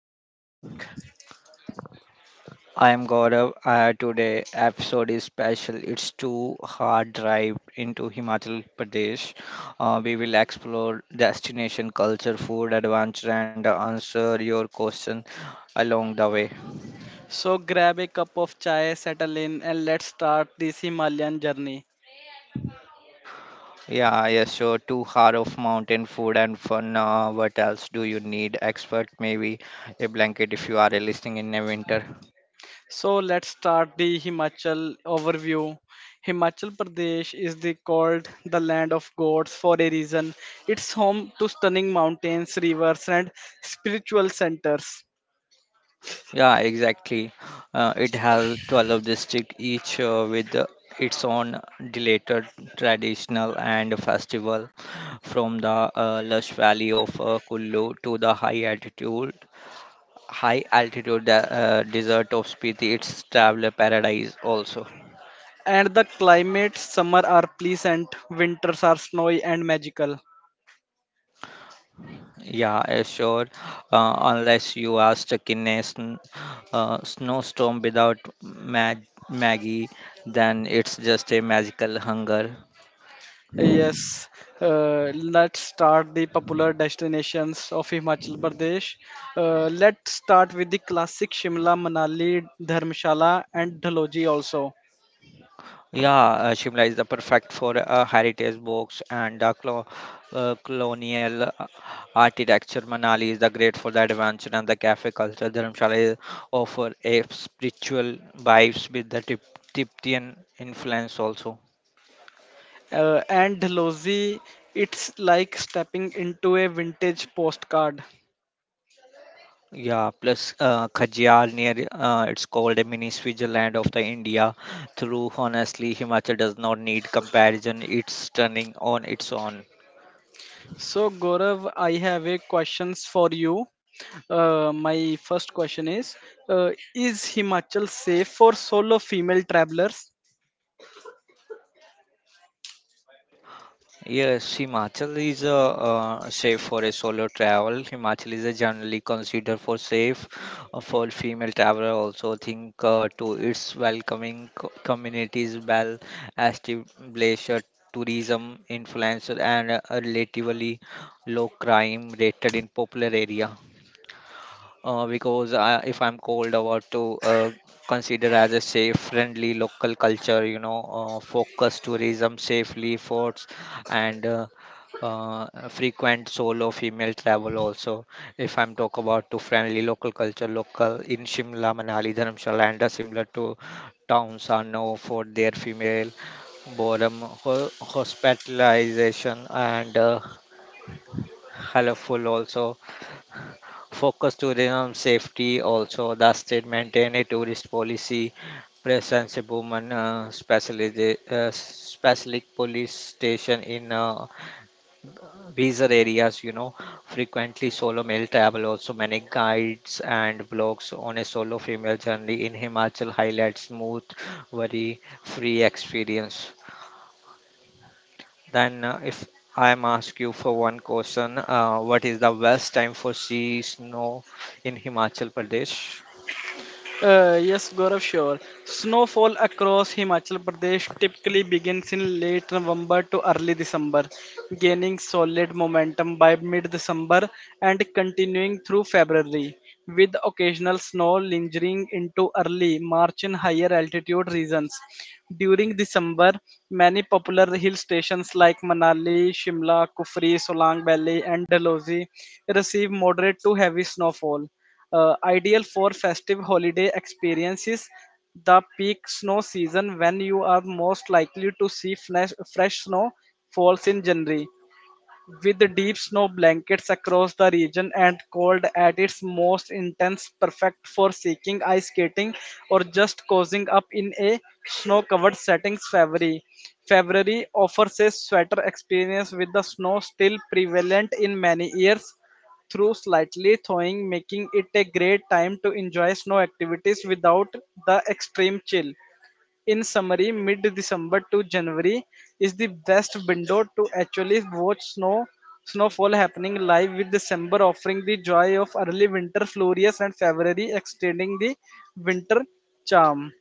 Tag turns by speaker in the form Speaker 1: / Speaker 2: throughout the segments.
Speaker 1: I am Ritik.
Speaker 2: I am Gaurav. Today episode is special. It's two hard drive into Himachal Pradesh. We will explore destination, culture, food, adventure, and answer your question along the way.
Speaker 1: So grab a cup of chai, settle in, and let's start this Himalayan journey.
Speaker 2: Yeah, yes, sure. Two hard of mountain food and fun. What else do you need? Expert, maybe a blanket if you are listening in the winter.
Speaker 1: So let's start the Himachal overview. Himachal Pradesh is the called the land of gods for a reason. It's home to stunning mountains, rivers, and spiritual centers.
Speaker 2: Yeah, exactly. It has 12 districts, each with its own delated traditional and festival, from the lush valley of Kullu to the high altitude desert of Spiti. It's traveler paradise also.
Speaker 1: And the climates, summer are pleasant, winters are snowy and magical.
Speaker 2: Yeah, sure. Unless you are stuck in a snowstorm without Maggie, then it's just a magical hunger.
Speaker 1: Yes, let's start the popular destinations of Himachal Pradesh. Let's start with the classic Shimla, Manali, Dharmshala, and Dhaloji also.
Speaker 2: Yeah, Shimla is the perfect for heritage books and colonial architecture. Manali is the great for the adventure and the cafe culture. Dharamshala is- offer a spiritual vibes with the Tibetan influence also.
Speaker 1: And Dhaloji, it's like stepping into a vintage postcard.
Speaker 2: Yeah, plus Khajjar near it's called a mini Switzerland of the India. Through honestly, Himachal does not need comparison. It's stunning on its own.
Speaker 1: So, Gaurav, I have a questions for you. My first question is is Himachal safe for solo female travelers?
Speaker 2: Yes, Himachal is safe for a solo travel. Himachal is generally considered for safe for female traveler. Also, think to its welcoming communities, well established tourism influencer, and a relatively low crime rated in popular area because I, if I'm cold, I want to consider as a safe, friendly local culture. You know, focus tourism, safely forts, and frequent solo female travel also. If I'm talk about to friendly local culture, local in Shimla, Manali, Dharamshala, and similar to towns are known for their female boredom hospitalization and helpful also focus tourism safety also the state maintain a tourist policy presence a woman specialist specific police station in reserve areas. You know, frequently solo male travel also. Many guides and blogs on a solo female journey in Himachal highlights smooth very free experience. Then, if I am ask you for one question, what is the best time for sea snow in Himachal Pradesh?
Speaker 1: Yes, Gaurav, sure. Snowfall across Himachal Pradesh typically begins in late November to early December, gaining solid momentum by mid December and continuing through February, with occasional snow lingering into early March in higher altitude regions. During December, many popular hill stations like Manali, Shimla, Kufri, Solang Valley, and Dalhousie receive moderate to heavy snowfall, ideal for festive holiday experiences. The peak snow season, when you are most likely to see fresh snow, falls in January, with the deep snow blankets across the region and cold at its most intense, perfect for seeking ice skating or just cozying up in a snow covered settings. February. February offers a sweater experience with the snow still prevalent in many years through slightly thawing, making it a great time to enjoy snow activities without the extreme chill. In summary, mid December to January is the best window to actually watch snowfall happening live, with December offering the joy of early winter flurries and February extending the winter charm.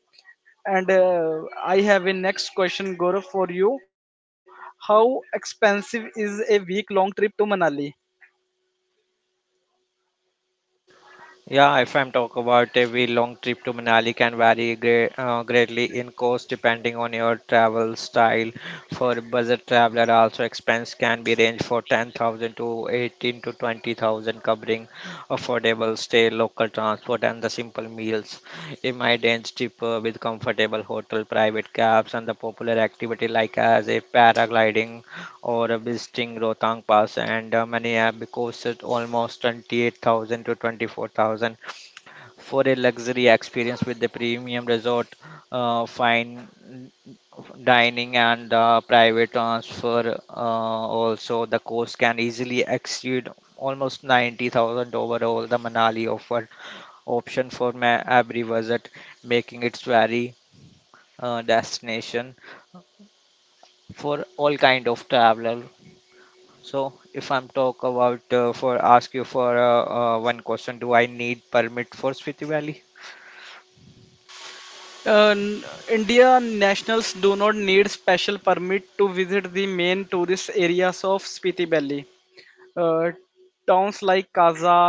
Speaker 1: And I have a next question, Gaurav, for you. How expensive is a week long trip to Manali?
Speaker 2: Yeah, if I'm talking about every long trip to Manali can vary greatly in cost depending on your travel style. For a budget traveler, also expense can be ranged for 10,000 to 18 to 20,000, covering affordable stay, local transport, and the simple meals. It might range cheaper with comfortable hotel, private cabs, and the popular activity like as a paragliding or visiting Rohtang Pass and many have costed almost 28,000 to 24,000 for a luxury experience with the premium resort, fine dining and private transfer. Also, the cost can easily exceed almost 90,000 overall. The Manali offer option for every visit, making it very destination for all kind of traveler. So if I'm talk about for ask you for one question, do I need permit for Spiti Valley?
Speaker 1: Uh, n- India nationals do not need special permit to visit the main tourist areas of Spiti Valley. Uh, Towns like Kaza,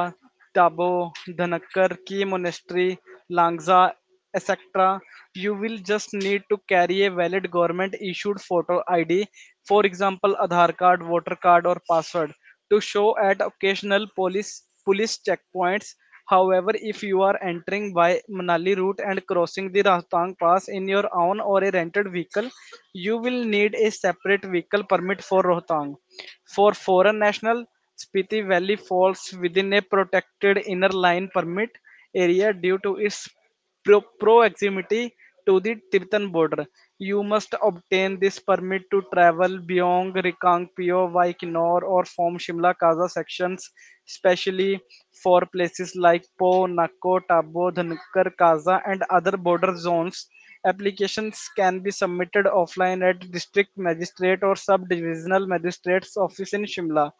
Speaker 1: Tabo, Dhanakkar, Key Monastery, Langza, etc. You will just need to carry a valid government issued photo ID, for example, Aadhaar card, voter card, or password, to show at occasional police checkpoints. However, if you are entering by Manali route and crossing the Rohtang Pass in your own or a rented vehicle, you will need a separate vehicle permit for Rohtang. For foreign national, Spiti Valley falls within a protected inner line permit area due to its proximity to the Tibetan border. You must obtain this permit to travel beyond Rikangpio, Vaikinor, or from Shimla Kaza sections, especially for places like Po, Nako, Tabo, Dhankar, Kaza, and other border zones. Applications can be submitted offline at district magistrate or sub divisional magistrate's office in Shimla.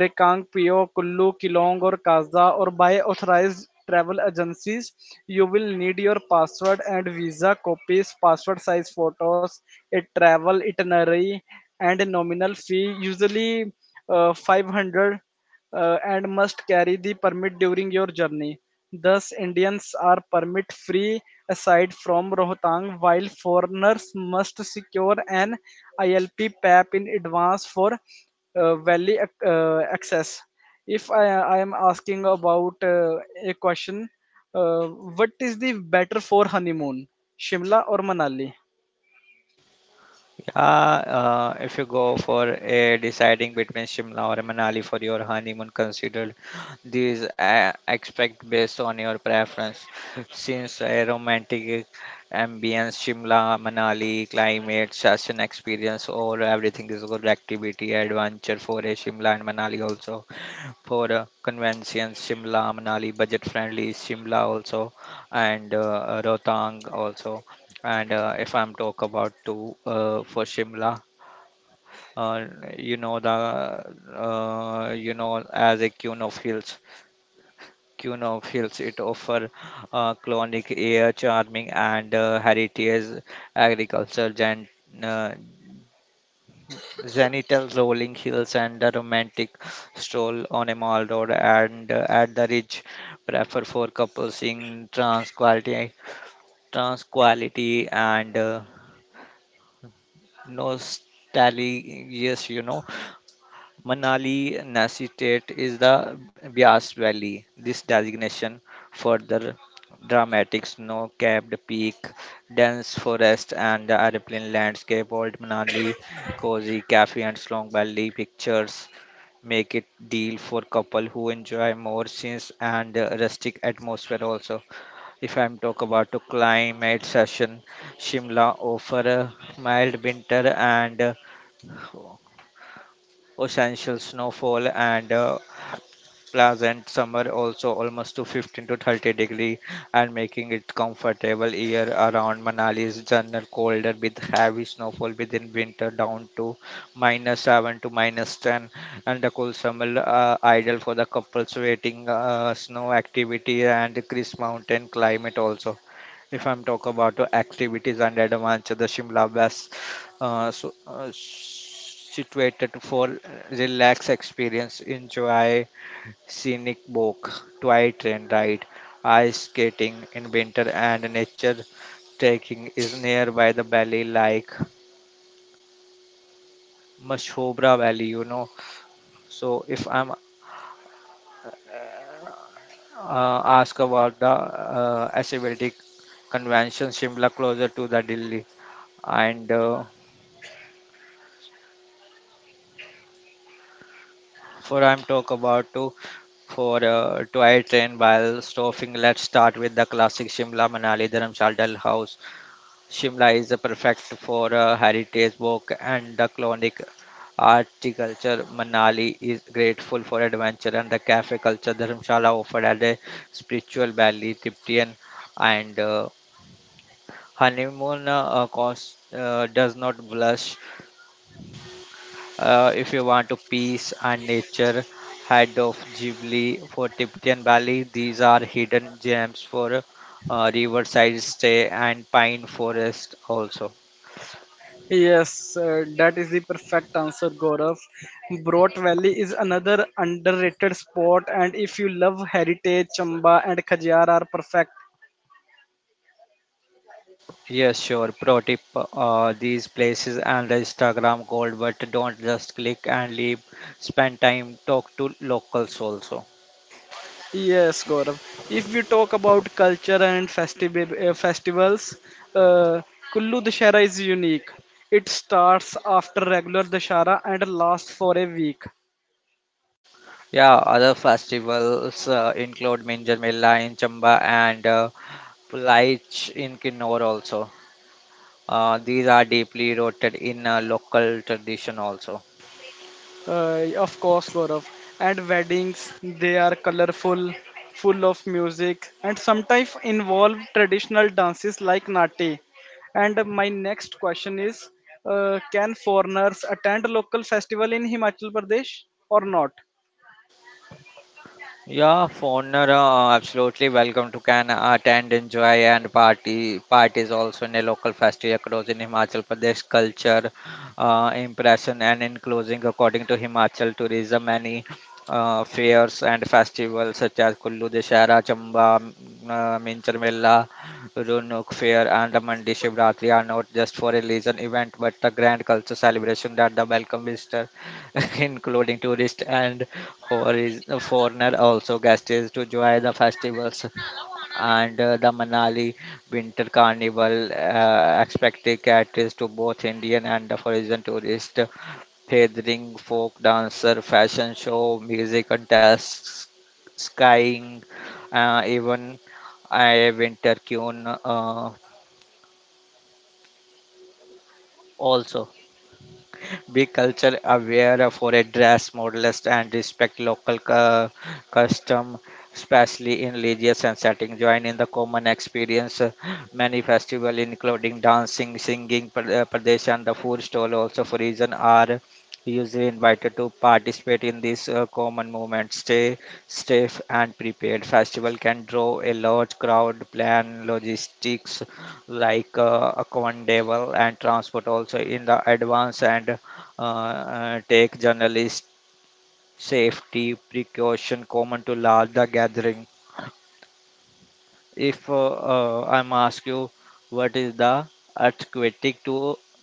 Speaker 1: रेकांग पियो कुल्लू किलोंग और काजा और by authorized travel agencies. You will need your passport and visa copies, passport size photos, a travel itinerary, and a nominal fee, usually 500, and must carry the permit during your journey. Thus, Indians are permit free aside from Rohtang, while foreigners must secure an ILP PAP in advance for valley access. If I am asking about a question, what is the better for honeymoon, Shimla or Manali?
Speaker 2: Yeah, if you go for a deciding between Shimla or Manali for your honeymoon, consider these expect based on your preference. Since a romantic ambience, Shimla, Manali, climate, session experience, all everything is good activity, adventure for a Shimla and Manali also. For the convention Shimla, Manali, budget friendly Shimla also, and Rohtang also. And if I'm talk about to for Shimla, uh, you know the you know as a queen of hills it offer clonic air, charming and heritage agriculture uh, Zenital rolling hills and a romantic stroll on a mall road and at the ridge prefer for couples in tranquility and nostalgia, yes, you know, Manali Nasi State is the Bias Valley. This designation further dramatic snow-capped peak, dense forest, and the airplane landscape. Old Manali, cozy cafe and Slong Valley pictures make it deal for couple who enjoy more scenes and rustic atmosphere also. If I'm talk about to climate session, Shimla offer a mild winter and uh, essential snowfall and pleasant summer also almost to 15 to 30 degree and making it comfortable year around. Manali is general colder with heavy snowfall within winter down to minus 7 to minus 10 and the cool summer, ideal for the couples waiting snow activity and crisp mountain climate also. If I'm talk about the activities and adventure, the Shimla Bass so, situated for relaxed experience. Enjoy scenic walk, toy train ride, ice skating in winter, and nature trekking is nearby the valley like Mashobra Valley. You know. So if I'm asked about the accessibility convention, Shimla closer to the Delhi and. For I'm talk about to for toy train while stopping. Let's start with the classic Shimla Manali Dharamshal Dal House. Shimla is a perfect for a heritage walk and the clonic articulture. Manali is grateful for adventure and the cafe culture. Dharamshala offered at a spiritual valley, Tibetan and honeymoon cost does not blush. If you want to peace and nature, head of Ghibli for Tibetan Valley. These are hidden gems for riverside stay and pine forest also.
Speaker 1: Yes, that is the perfect answer, Gaurav. Broad Valley is another underrated spot, and if you love heritage, Chamba and Khajiar are perfect.
Speaker 2: Yes, sure. Pro tip: these places and the Instagram gold, but don't just click and leave. Spend time, talk to locals also.
Speaker 1: Yes, Gaurav. If we talk about culture and festival, festivals, uh, Kullu Dashera is unique. It starts after regular Dashara and lasts for a week.
Speaker 2: Yeah, other festivals include Minjar Mela in Chamba and Pulaich in Kinnor also. These are deeply rooted in local tradition also.
Speaker 1: Of course, Gaurav. And weddings, they are colorful, full of music, and sometimes involve traditional dances like Nati. And my next question is, can foreigners attend local festival in Himachal Pradesh or not?
Speaker 2: Yeah, Foner, absolutely welcome to can attend, enjoy, and party. Parties also in a local festival across in Himachal Pradesh culture, impression, and including according to Himachal tourism, many fairs and festivals such as Kullu Dashera, Chamba, Minchar Mela, Runuk Fair, and the Mandi Shivratri are not just for religion event but a grand culture celebration that the welcome visitor, including tourists and for is foreigner also guests to join the festivals and the Manali Winter Carnival expected caters to both Indian and the foreign tourists, featuring folk dancer, fashion show, music contests, skiing, even a winter tune also. Be culture aware for a dress modest and respect local custom, especially in religious and setting. Join in the common experience. Many festival, including dancing, singing, pradesh, and the food stall, also for reason are usually invited to participate in this common movement. Stay safe and prepared. Festival can draw a large crowd. Plan logistics like accountable and transport also in the advance and tech journalist safety precaution common to larger gathering. If I'm ask you, what is the earthquake to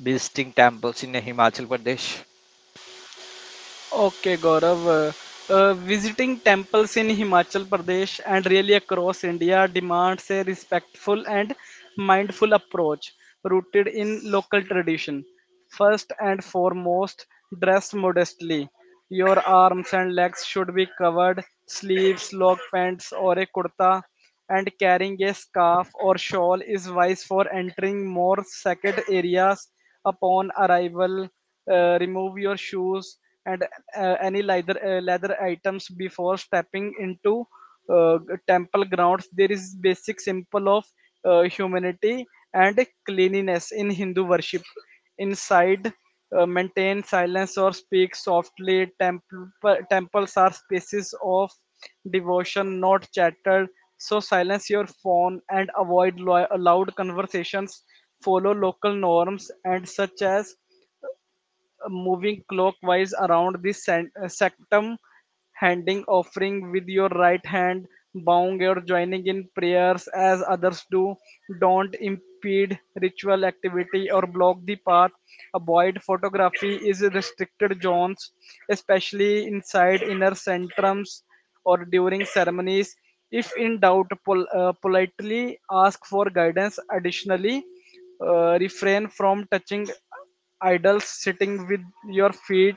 Speaker 2: visiting temples in Himachal Pradesh?
Speaker 1: Okay, Gaurav. Visiting temples in Himachal Pradesh, and really across India, demands a respectful and mindful approach rooted in local tradition. First and foremost, dress modestly. Your arms and legs should be covered, sleeves, log pants, or a kurta, and carrying a scarf or shawl is wise for entering more sacred areas. Upon arrival, remove your shoes and any leather items before stepping into uh, temple grounds. There is basic symbol of humanity and cleanliness in Hindu worship. Inside, maintain silence or speak softly. Temples are spaces of devotion, not chatter, so silence your phone and avoid loud conversations. Follow local norms, and such as moving clockwise around the sanctum, handing offering with your right hand, bowing or joining in prayers as others do. Don't impede ritual activity or block the path. Avoid photography is restricted zones, especially inside inner sanctums or during ceremonies. If in doubt, politely ask for guidance. Additionally, refrain from touching idols, sitting with your feet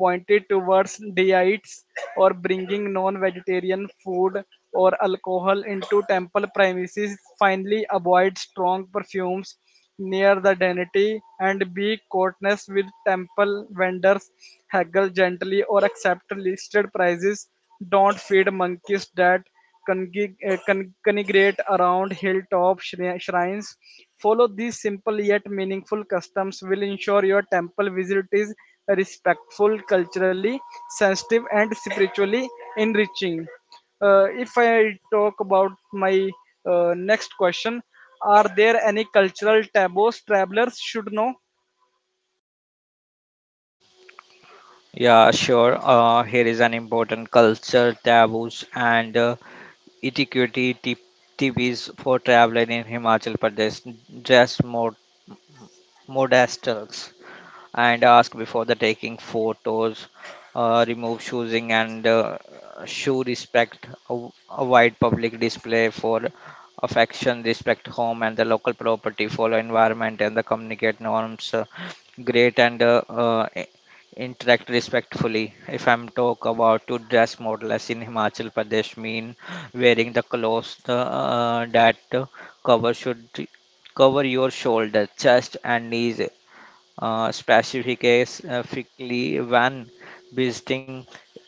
Speaker 1: pointed towards deities, or bringing non vegetarian food or alcohol into temple premises. Finally, avoid strong perfumes near the deity and be courteous with temple vendors. Haggle gently or accept listed prices. Don't feed monkeys that congregate around hilltop shrines. Follow these simple yet meaningful customs will ensure your temple visit is respectful, culturally sensitive, and spiritually enriching. If I talk about my next question, are there any cultural taboos travelers should know?
Speaker 2: Yeah, sure. Here is an important culture taboos and etiquette tip tips for traveling in Himachal Pradesh. Dress modest and ask before the taking photos, remove choosing and show respect, a wide public display for affection, respect home and the local property, follow environment and the communicate norms, great and interact respectfully. If I'm talk about to dress model as in Himachal Pradesh mean wearing the clothes that uh, cover should cover your shoulder, chest and knees specifically when visiting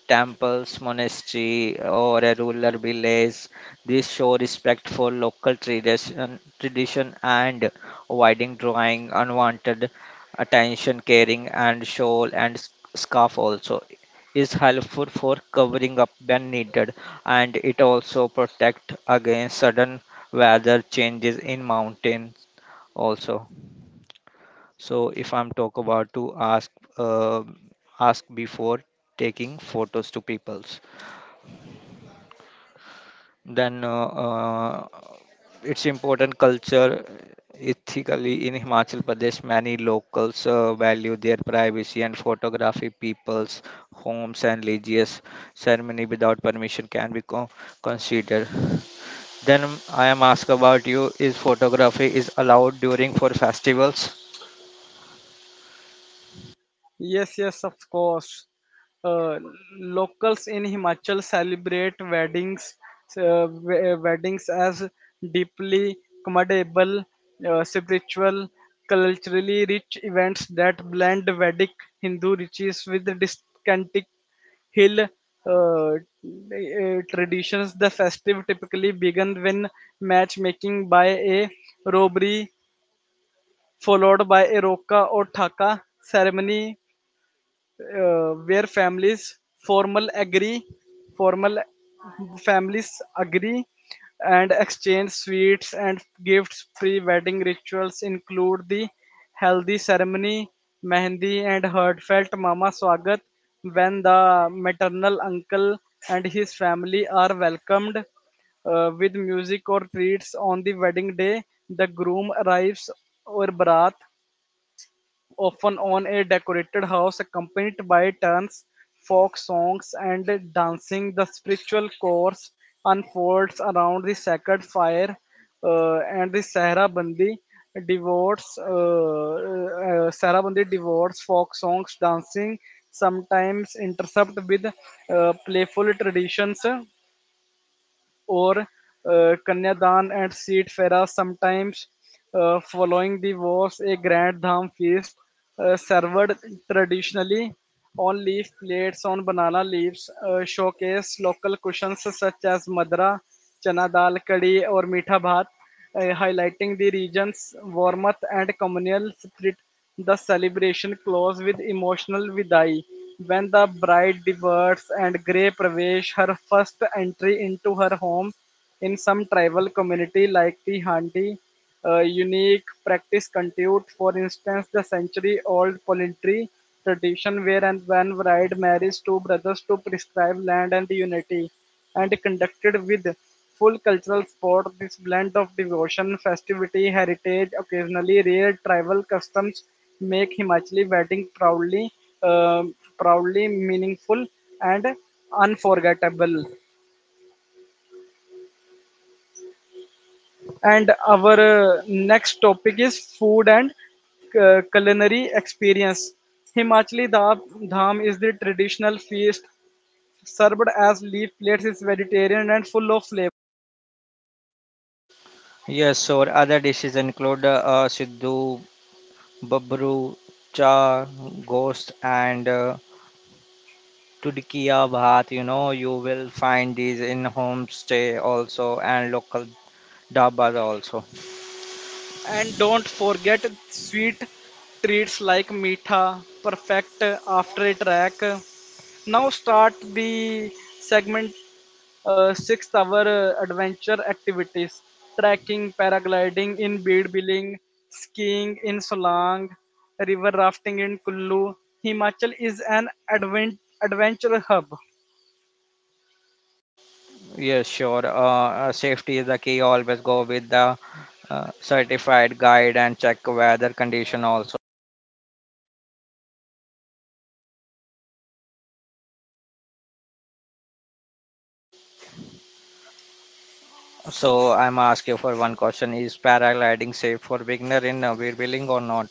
Speaker 2: temples, monastery, or a rural village. This show respect for local tradition and avoiding drawing unwanted attention. Carrying and shawl and scarf also is helpful for covering up when needed and it also protect against sudden weather changes in mountains also. So if I'm talk about to ask, uh, ask before taking photos to peoples, then it's important culture ethically in Himachal Pradesh. Many locals value their privacy and photography people's homes and religious ceremony without permission can be considered. Then I am asked about you: Is photography is allowed during for festivals?
Speaker 1: Yes, yes, of course. Uh, Locals in Himachal celebrate weddings, weddings as deeply commendable, spiritual, culturally rich events that blend Vedic Hindu riches with discantic hill traditions. The festive typically began when matchmaking by a robbery, followed by a roka or thaka ceremony, where families formal agree, formal families agree, and exchange sweets and gifts. Pre-wedding rituals include the healthy ceremony, mehndi, and heartfelt mama swagat, when the maternal uncle and his family are welcomed with music or treats. On the wedding day, the groom arrives, or brat, often on a decorated house, accompanied by turns, folk songs, and dancing. The spiritual course unfolds around the sacred fire and the devotes, uh, Sahara Bandi devotes folk songs, dancing, sometimes intercept with playful traditions, or Kanyadan and Seed Fera, sometimes. Following the wars, a grand dham feast, served traditionally on leaf plates on banana leaves, showcased local cushions such as madra, chana dal, kadi, or meetha bhat, highlighting the region's warmth and communal spirit. The celebration closed with emotional vidai, when the bride departs, and grey pravesh, her first entry into her home. In some tribal community like the Handi, unique practice continued. For instance, the century-old polyandry tradition, where and when bride marries two brothers to prescribe land and unity, and conducted with full cultural support. This blend of devotion, festivity, heritage, occasionally rare tribal customs make Himachali wedding proudly, proudly meaningful and unforgettable. And our next topic is food and culinary experience. Dham is the traditional feast served as leaf plates. It's vegetarian and full of flavor.
Speaker 2: Yes, so other dishes include Siddhu, Babru, Cha, Ghost, and Tudkiya Bhat. You know, you will find these in homestay also and local dabas also.
Speaker 1: And don't forget sweet treats like meetha, perfect after a track. Now start the segment, sixth hour, adventure activities: trekking, paragliding in Bid, skiing in Solang, river rafting in Kullu. Himachal is an adventure hub.
Speaker 2: Yes, sure. Safety is the key. Always go with the certified guide and check weather condition also. So I'm asking you for one question: Is paragliding safe for beginner in wheelbuilding or not?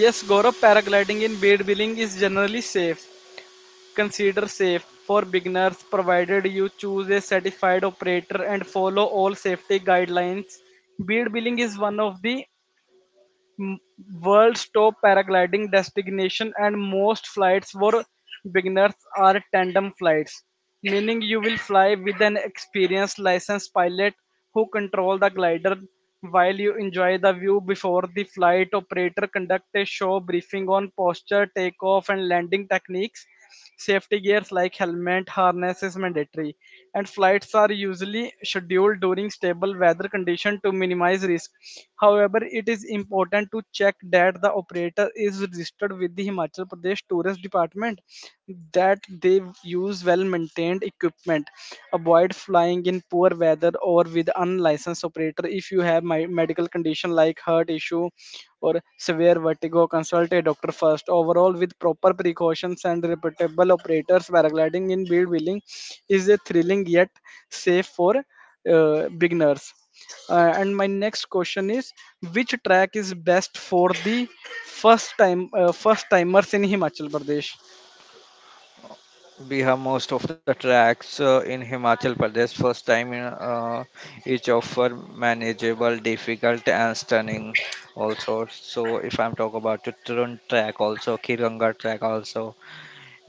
Speaker 1: Yes, Gaurav, paragliding in Bed Billing is generally safe. Consider safe for beginners provided you choose a certified operator and follow all safety guidelines. Bead Billing is one of the m- world's top paragliding destination, and most flights for beginners are tandem flights, meaning you will fly with an experienced licensed pilot who control the glider while you enjoy the view. Before the flight, operator conduct a show briefing on posture, takeoff, and landing techniques. Safety gears like helmet, harness is mandatory, and flights are usually scheduled during stable weather conditions to minimize risk. However, it is important to check that the operator is registered with the Himachal Pradesh Tourist Department, that they use well maintained equipment. Avoid flying in poor weather or with unlicensed operator. If you have my medical condition like heart issue or severe vertigo, consult a doctor first. Overall, with proper precautions and reputable operators, paragliding in build wheeling is a thrilling yet safe for beginners. And my next question is, which track is best for the first timers in Himachal Pradesh?
Speaker 2: We have most of the tracks in Himachal Pradesh. First time in each offer manageable, difficult, and stunning. Also, so if I'm talking about Tutturun track, also Kiranga track, also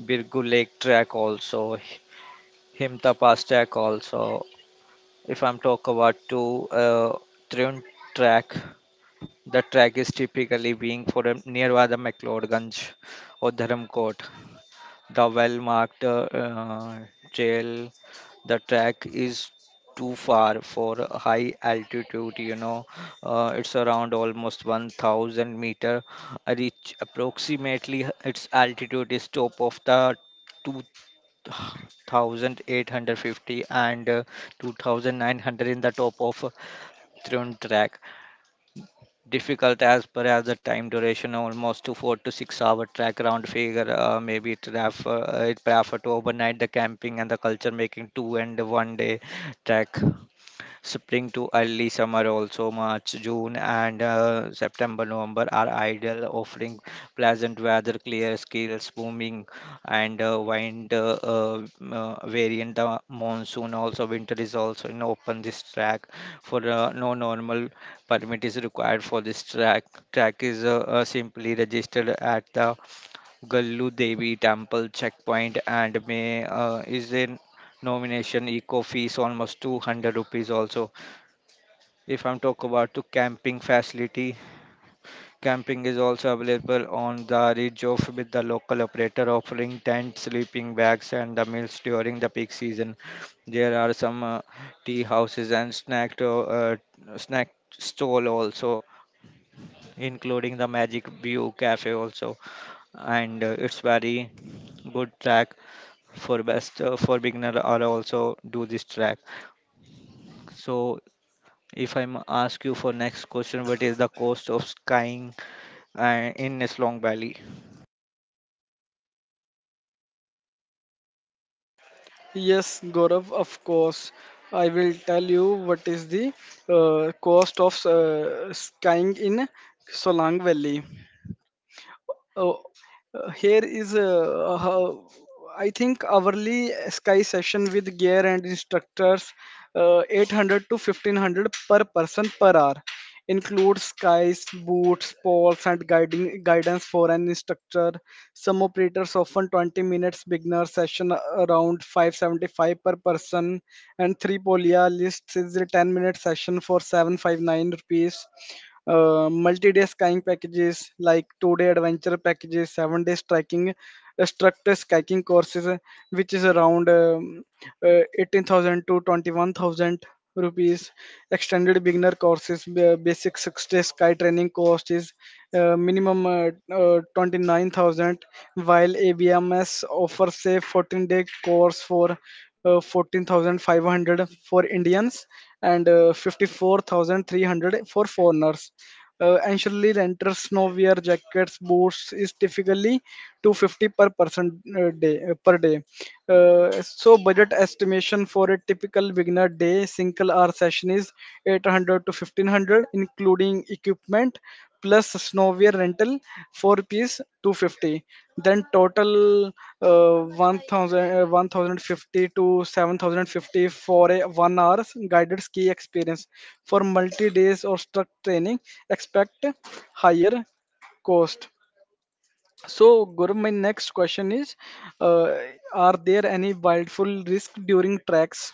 Speaker 2: Birgu Lake track, also Himta Pass track, also if I'm talking about to Trun track, the track is typically being for a, nearby the McLeodganj or Dharamkot, the well marked trail. The track is too far for a high altitude, you know. It's around almost 1000 meter. I reach approximately its altitude is top of the 2850 and 2900 in the top of throne track. Difficult as per as the time duration almost to 4 to 6 hour track round figure. Maybe it refer it prefer to overnight the camping and the culture making 2 and 1 day track. Spring to early summer also March, June and September, November are ideal, offering pleasant weather, clear skies, booming and wind variant monsoon. Also, winter is also in open this track for no normal permit is required for this track. Track is simply registered at the Gallu Devi Temple checkpoint and may is in nomination eco fees almost 200 rupees also. If I'm talk about to camping facility, camping is also available on the ridge of with the local operator offering tent, sleeping bags, and the meals during the peak season. There are some tea houses and snack to, snack stall also, including the Magic View Cafe also, and it's very good track for best for beginner are also do this track. So if ask you for next question, what is the cost of skiing in Slong Valley?
Speaker 1: Yes, Gaurav, of course. I will tell you what is the cost of skiing in Solang Valley. Oh, here is how I think. Hourly sky session with gear and instructors, 800 to 1500 per person per hour, includes skies, boots, poles, and guiding guidance for an instructor. Some operators often 20 minutes beginner session around 575 per person, and three polia lists is a 10-minute session for 759 rupees. Multi-day skying packages like two-day adventure packages, seven-day striking, structured skiing courses, which is around 18,000 to 21,000 rupees. Extended beginner courses, basic six-day sky training course is minimum 29,000, while ABMS offers a 14-day course for 14,500 for Indians and 54,300 for foreigners. Initially, renters now wear jackets, boots is typically 250 per person day per day. So budget estimation for a typical beginner day single hour session is 800 to 1500 including equipment plus snowwear rental four piece 250, then total 1000 to 7050 for a 1 hour guided ski experience. For multi days or struck training, expect higher cost. So, guru, my next question is, uh, are there any wildful risk during treks?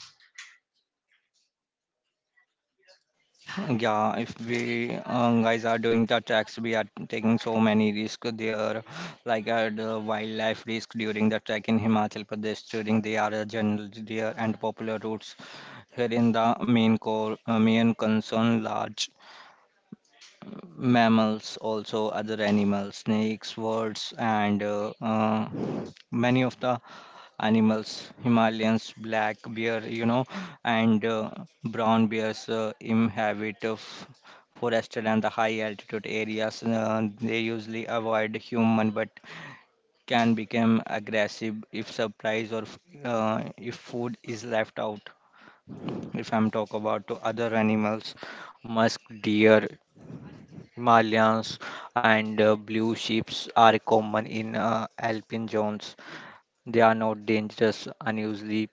Speaker 2: Yeah, if we guys are doing the tracks, we are taking so many risks there, like the wildlife risk during the trek in Himachal Pradesh during the other general deer and popular routes. Here in the main core, main concern large mammals, also other animals, snakes, birds, and many of the animals, Himalayans, black bear, you know, and brown bears inhabit of forested and the high altitude areas. They usually avoid human, but can become aggressive if surprise or if food is left out. If I'm talk about to other animals, musk deer Himalayans and blue sheeps are common in alpine zones. They are not dangerous, unusually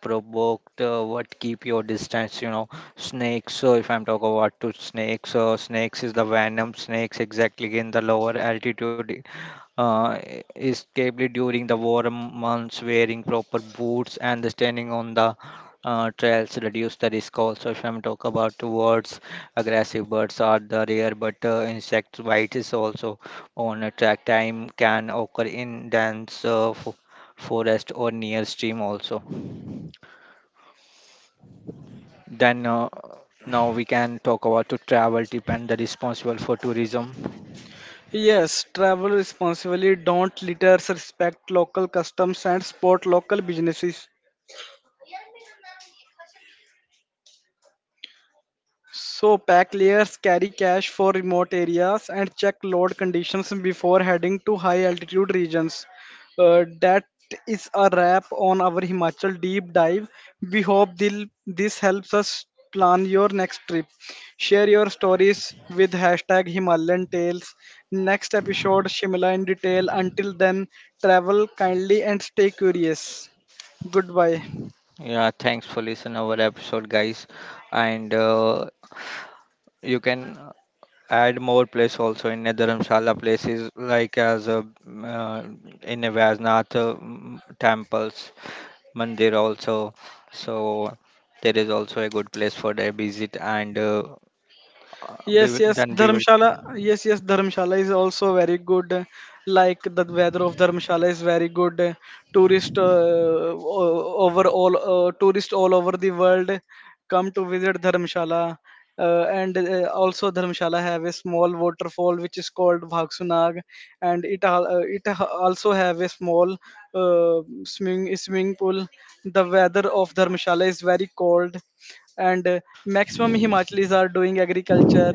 Speaker 2: provoked. What keep your distance? You know, snakes. So if I'm talking about to snakes, snakes is the venom snakes exactly in the lower altitude uh, escaped during the warm months wearing proper boots and standing on the trails reduce the risk also. If I'm talk about the birds, aggressive birds are the rare but insect bite is also on a track time can occur in dense forest or near stream also. Then now we can talk about to travel tip and the responsible for tourism.
Speaker 1: Yes, travel responsibly, don't litter, respect local customs and support local businesses. So pack layers, carry cash for remote areas, and check load conditions before heading to high altitude regions. That is a wrap on our Himachal deep dive. We hope this helps us plan your next trip. Share your stories with hashtag Himalayan Tales. Next episode, Shimla in detail. Until then, travel kindly and stay curious. Goodbye.
Speaker 2: Yeah, thanks for listening our episode, guys. And you can add more place also in a Dharamshala places like as a, in a Vaisnath temples mandir also. So there is also a good place for their visit and we
Speaker 1: Yes,
Speaker 2: will,
Speaker 1: yes,
Speaker 2: then we will.
Speaker 1: Dharamshala. Yes, yes, Dharamshala is also very good. Like the weather of Dharamshala is very good. Tourist uh, o- over all, Tourist all over the world come to visit Dharamshala. And also Dharamshala have a small waterfall which is called Bhagsunag, and it al- it ha- also have a small swimming pool. The weather of Dharamshala is very cold, and maximum Himachalis are doing agriculture.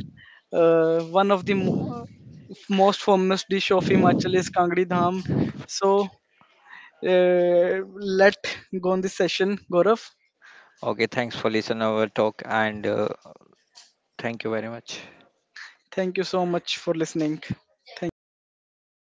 Speaker 1: One of the most famous dish of Himachal is Kangri Dham. So let go on this session, Gaurav.
Speaker 2: Okay, thanks for listening our talk and thank you very much.
Speaker 1: Thank you so much for listening. Thank you.